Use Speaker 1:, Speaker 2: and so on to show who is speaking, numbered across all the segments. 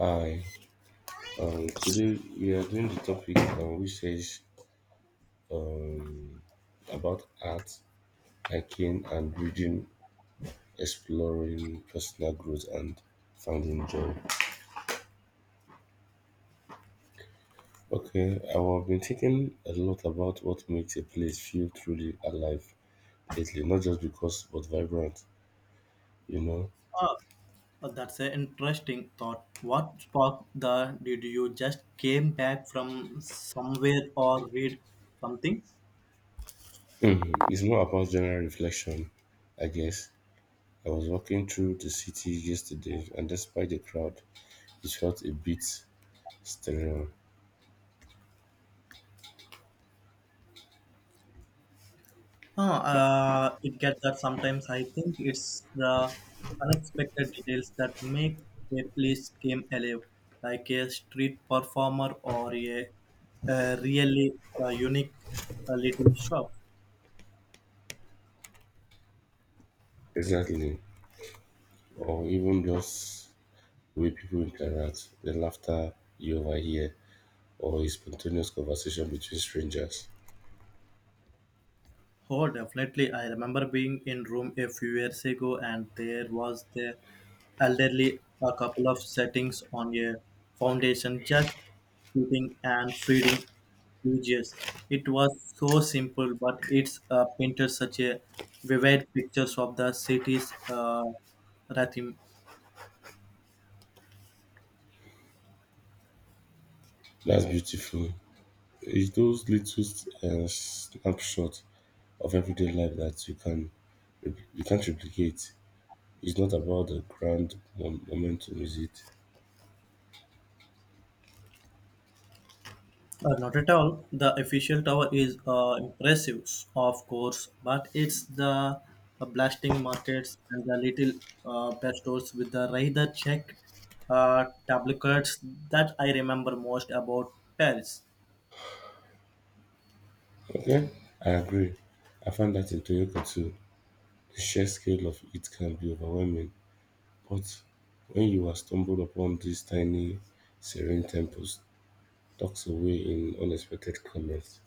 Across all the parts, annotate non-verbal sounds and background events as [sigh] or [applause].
Speaker 1: Hi, today we are doing the topic which says um, about art, hiking, and reading, exploring personal growth, and finding joy. Okay, I have been thinking a lot about what makes a place feel truly alive lately, not just because, but vibrant, you know.
Speaker 2: Ah, that's an interesting thought. What sparked the? Did you just came back from somewhere or read something?
Speaker 1: [clears throat] Mhm. It's more about general reflection, I guess. I was walking through the city yesterday, and despite the crowd, it felt a bit sterile.
Speaker 2: It gets that sometimes. I think it's the unexpected details that make a place come alive, like a street performer or a really unique little shop.
Speaker 1: Exactly. Or even just the way people interact, the laughter you overhear, or a spontaneous conversation between strangers.
Speaker 2: Oh, definitely. I remember being in room a few years ago, and there was the elderly, a couple of settings on a foundation, just eating and feeding pages. It was so simple, but it's painted such a vivid pictures of the city's rhythm.
Speaker 1: That's beautiful. It's those little snapshots of everyday life that you can't replicate. It's not about the grand momentum, is it?
Speaker 2: Not at all. The Eiffel Tower is impressive, of course, but it's the blasting markets and the little best stores with the rather Czech tabloids that I remember most about Paris.
Speaker 1: Okay, I agree. I find that in Toyota too. The sheer scale of it can be overwhelming. But when you are stumbled upon these tiny, serene temples tucked away in unexpected corners,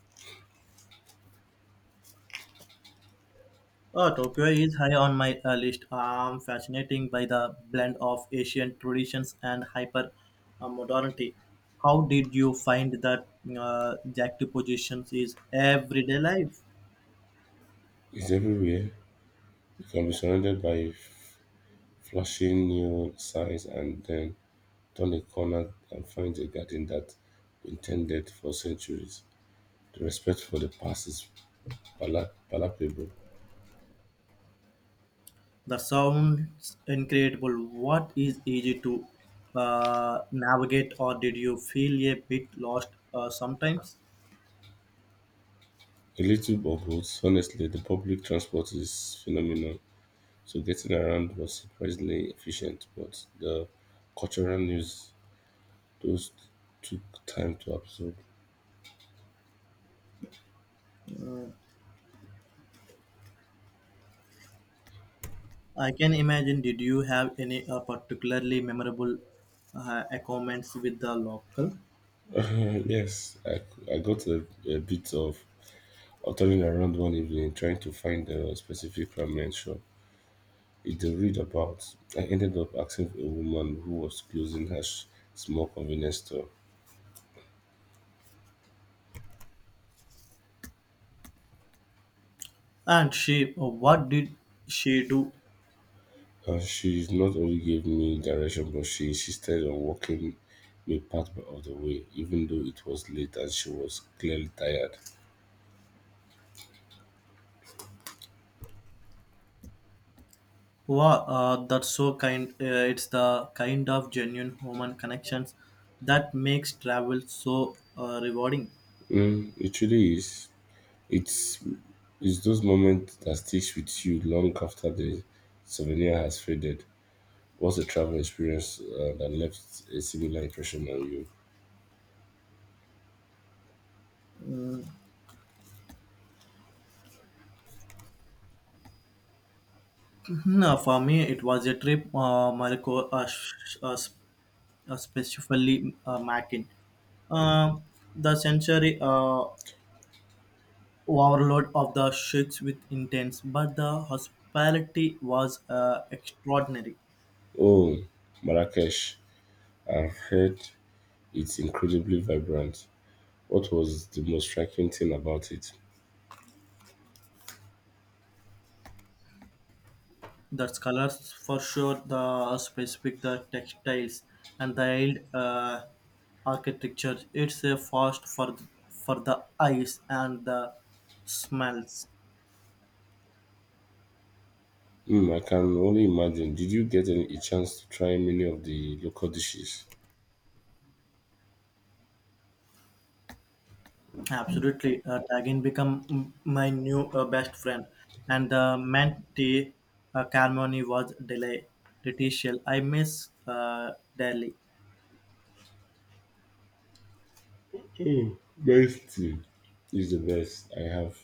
Speaker 2: Tokyo is high on my list. I'm fascinating by the blend of Asian traditions and hyper modernity. How did you find that juxtapositions is everyday life?
Speaker 1: is everywhere. You can be surrounded by flashing neon signs and then turn a corner and find a garden that intended for centuries. The respect for the past is palpable.
Speaker 2: The sounds incredible. What is easy to navigate, or did you feel a bit lost sometimes?
Speaker 1: A little of both. Honestly, the public transport is phenomenal, so getting around was surprisingly efficient. But the cultural news, those took time to absorb. [clears throat]
Speaker 2: I can imagine. Did you have any particularly memorable comments with the local?
Speaker 1: Yes, I got a bit of turning around one evening trying to find a specific ramen shop it to read about. I ended up asking a woman who was closing her small convenience store.
Speaker 2: And she, what did she do?
Speaker 1: And she not only gave me direction, but she insisted on walking me part of the way, even though it was late and she was clearly tired.
Speaker 2: Wow, that's so kind. It's the kind of genuine human connections that makes travel so rewarding.
Speaker 1: Mm, it really is. It's it's those moments that sticks with you long after the souvenir has faded. What's a travel experience that left a similar impression on you?
Speaker 2: No, for me, it was a trip. Morocco, specifically Matin. Uh, the sensory overload of the shakes with intense, but the hospitality was extraordinary.
Speaker 1: Oh, Marrakesh. I've heard it's incredibly vibrant. What was the most striking thing about it?
Speaker 2: The scholars for sure, the specific the textiles and the old architecture. It's a fast for the eyes and the smells.
Speaker 1: Hmm, I can only imagine. Did you get a chance to try many of the local dishes?
Speaker 2: Absolutely, Tagin become my new best friend, and the mentee Carmoni was delay Letitia. I miss Delhi.
Speaker 1: Mm, rice tea is the best.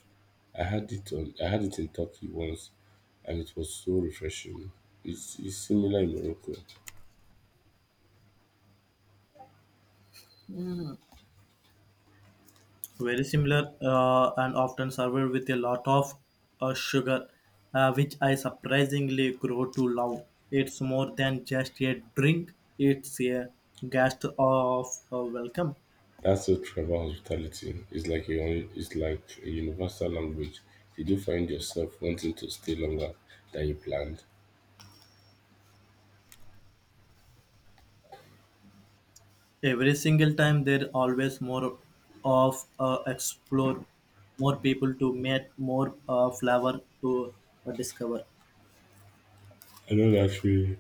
Speaker 1: I had it in Turkey once and it was so refreshing. It's similar in Morocco.
Speaker 2: Very similar and often served with a lot of sugar, which I surprisingly grow to love. It's more than just a drink; it's a guest of welcome.
Speaker 1: That's what travel hospitality. It's like a it's like a universal language. You do find yourself wanting to stay longer than you planned.
Speaker 2: Every single time there always more of explore, more people to meet, more flavor to discover.
Speaker 1: I know that feeling.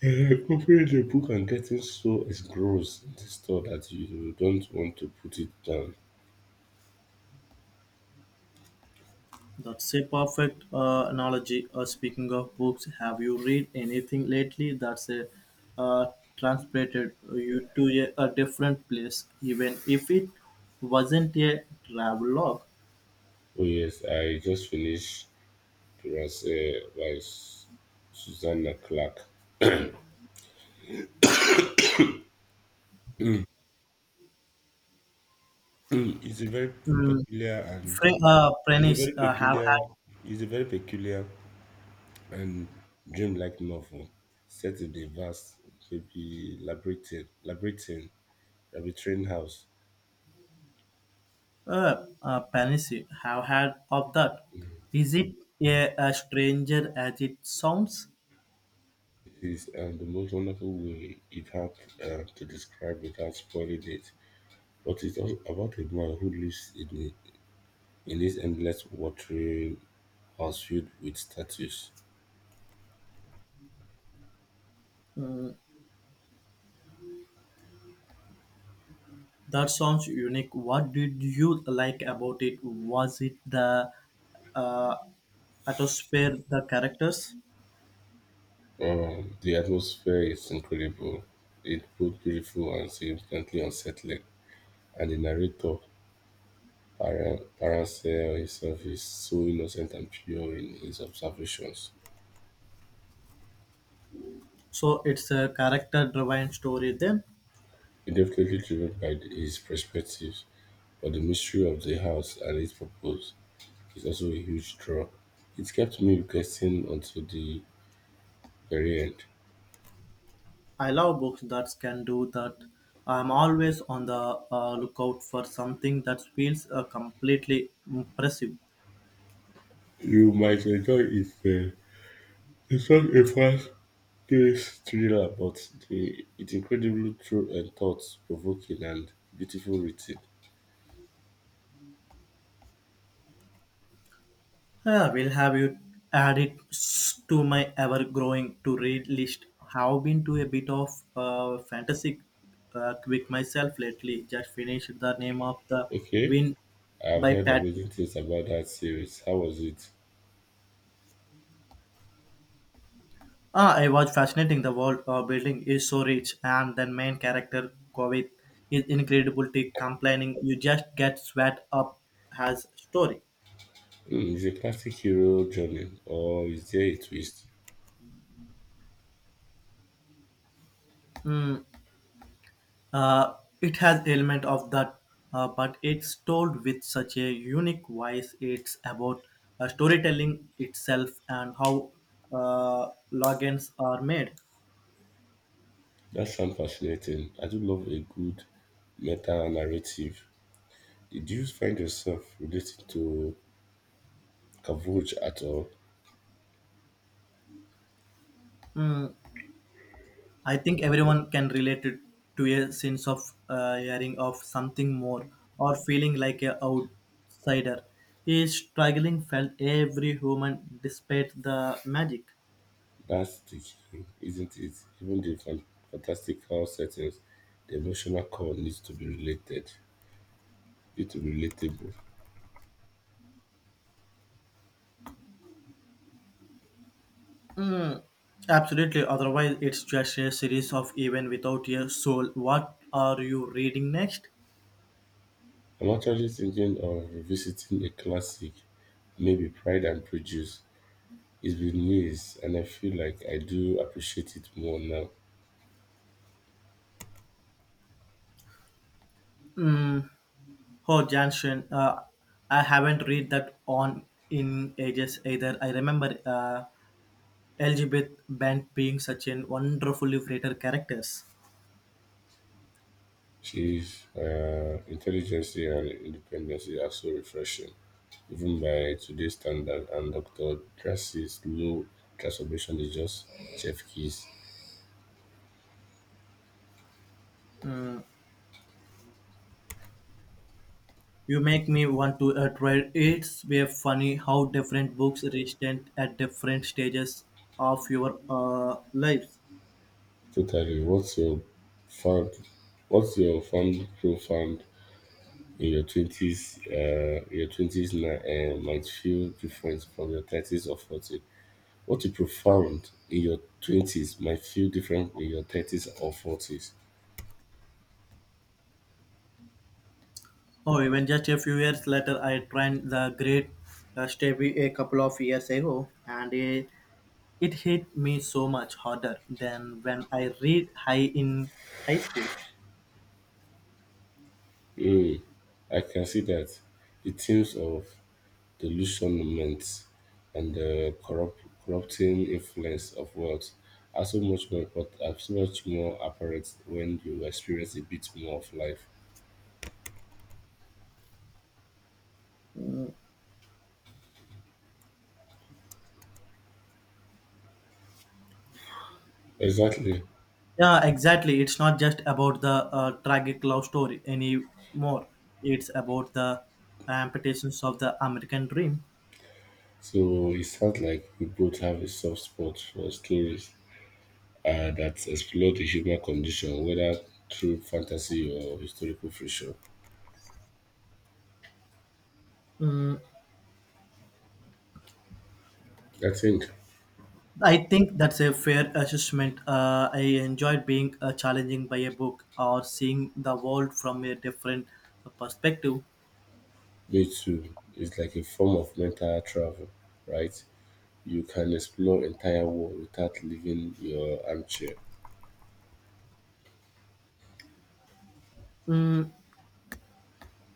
Speaker 1: Yeah, opening the book and getting so engrossed in the story that you don't want to put it down.
Speaker 2: That's a perfect analogy. Speaking of books, have you read anything lately that's uh, transported you to a different place, even if it wasn't a travelogue?
Speaker 1: Oh yes, I just finished Prayers by Susanna Clark. Mm, it's a very
Speaker 2: Mm.
Speaker 1: peculiar and it's a
Speaker 2: Prentice,
Speaker 1: very
Speaker 2: have
Speaker 1: peculiar
Speaker 2: had
Speaker 1: it's a very peculiar and dreamlike novel set in the vast baby labyrinthine house.
Speaker 2: Panisi, have had of that?
Speaker 1: It
Speaker 2: Is it a stranger as it sounds?
Speaker 1: is the most wonderful way it had to describe without spoiling it. But it's also about a man who lives in this endless watering house filled with statues.
Speaker 2: Mm, that sounds unique. What did you like about it? Was it the uh, atmosphere, the characters?
Speaker 1: The atmosphere is incredible. It's both beautiful and significantly unsettling. And the narrator, Paransel himself, is so innocent and pure in his observations.
Speaker 2: So it's a character-driven story. Then
Speaker 1: He's definitely driven by his perspectives, but the mystery of the house and its purpose is also a huge draw. It kept me guessing until the very end.
Speaker 2: I love books that can do that. I'm always on the lookout for something that feels completely impressive.
Speaker 1: You might enjoy it. It's not a fast this thriller, but the it's incredibly true and thought-provoking and beautiful written.
Speaker 2: I will have you add it to my ever-growing to-read list. Have been to a bit of fantasy quick myself lately. Just finished the name of the
Speaker 1: Okay,
Speaker 2: win
Speaker 1: I've
Speaker 2: by
Speaker 1: heard
Speaker 2: Pat.
Speaker 1: amazing things about that series. How was it?
Speaker 2: Ah, I was fascinating. The world building is so rich, and the main character Kovit is incredibly complaining. You just get sweat up as story.
Speaker 1: Mm, is it a classic hero journey or is there a twist?
Speaker 2: Hmm. Uh, it has element of that, but it's told with such a unique voice. It's about storytelling itself and how logins are made.
Speaker 1: That sounds fascinating. I do love a good meta narrative. Did you find yourself related to Cavouge at all?
Speaker 2: Mm, I think everyone can relate it to a sense of hearing of something more or feeling like a outsider. His struggling felt every human despite the magic.
Speaker 1: That's the key, isn't it? Even the fantastical settings, the emotional core needs to be related. It's relatable.
Speaker 2: Absolutely, otherwise, it's just a series of events without a soul. What are you reading next?
Speaker 1: I'm actually thinking of revisiting a classic, maybe Pride and Prejudice. It's been years, and I feel like I do appreciate it more now.
Speaker 2: Hmm. Oh, Jansen, I haven't read that on in ages either. I remember Elizabeth Bent being such a wonderfully creative characters.
Speaker 1: She's intelligence and independence are so refreshing, even by today's standard. And Dr. Darcy's low transformation is just chef keys.
Speaker 2: Mm, you make me want to try. It's way funny how different books resonate at different stages of your lives.
Speaker 1: Totally. Found? What's your found profound in your twenties now might feel different from your thirties or forty. What you profound in your twenties might feel different in your thirties or forties.
Speaker 2: Oh, even just a few years later, I tried the great Stevie a couple of years ago, and it hit me so much harder than when I read high in high school.
Speaker 1: Hmm, I can see that the themes of delusionment and the corrupting influence of wealth are so much more apparent when you experience a bit more of life. Exactly.
Speaker 2: Yeah, exactly. It's not just about the tragic love story anymore. It's about the amputations of the American dream.
Speaker 1: So it sounds like we both have a soft spot for stories that explore the human condition, whether through fantasy or historical fiction. I think
Speaker 2: I think that's a fair assessment. I enjoyed being challenging by a book or seeing the world from a different perspective.
Speaker 1: Me Too is like a form of mental travel, right? You can explore entire world without leaving your armchair.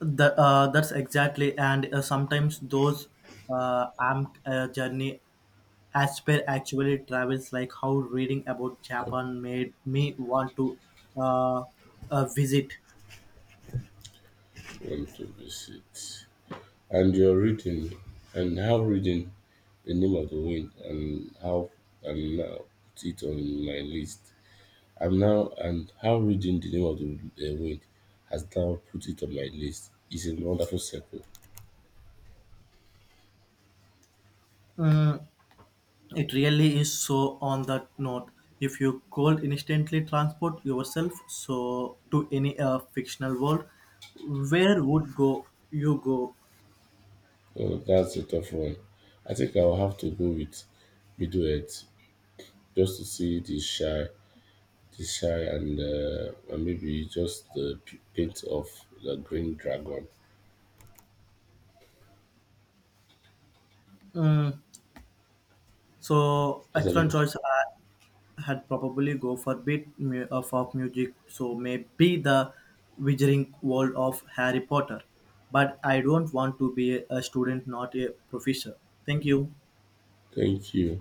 Speaker 2: That's exactly, and sometimes those am journey Asper actually travels, like how reading about Japan made me want to uh, visit.
Speaker 1: Want to visit. And your reading, and how reading The Name of the Wind, and how and now put it on my list. I'm now and how reading The Name of the Wind has now put it on my list is a wonderful circle.
Speaker 2: Mm, it really is so on that note. If you could instantly transport yourself so to any fictional world, where would go you go?
Speaker 1: Oh, that's a tough one. I think I'll have to go with Bedouet just to see the shy, and maybe just the paint of the green dragon. Yes,
Speaker 2: Mm, so excellent
Speaker 1: excellent.
Speaker 2: choice. I had probably go for bit of music. So maybe the wizarding world of Harry Potter. But I don't want to be a student, not a professor. Thank you.
Speaker 1: Thank you.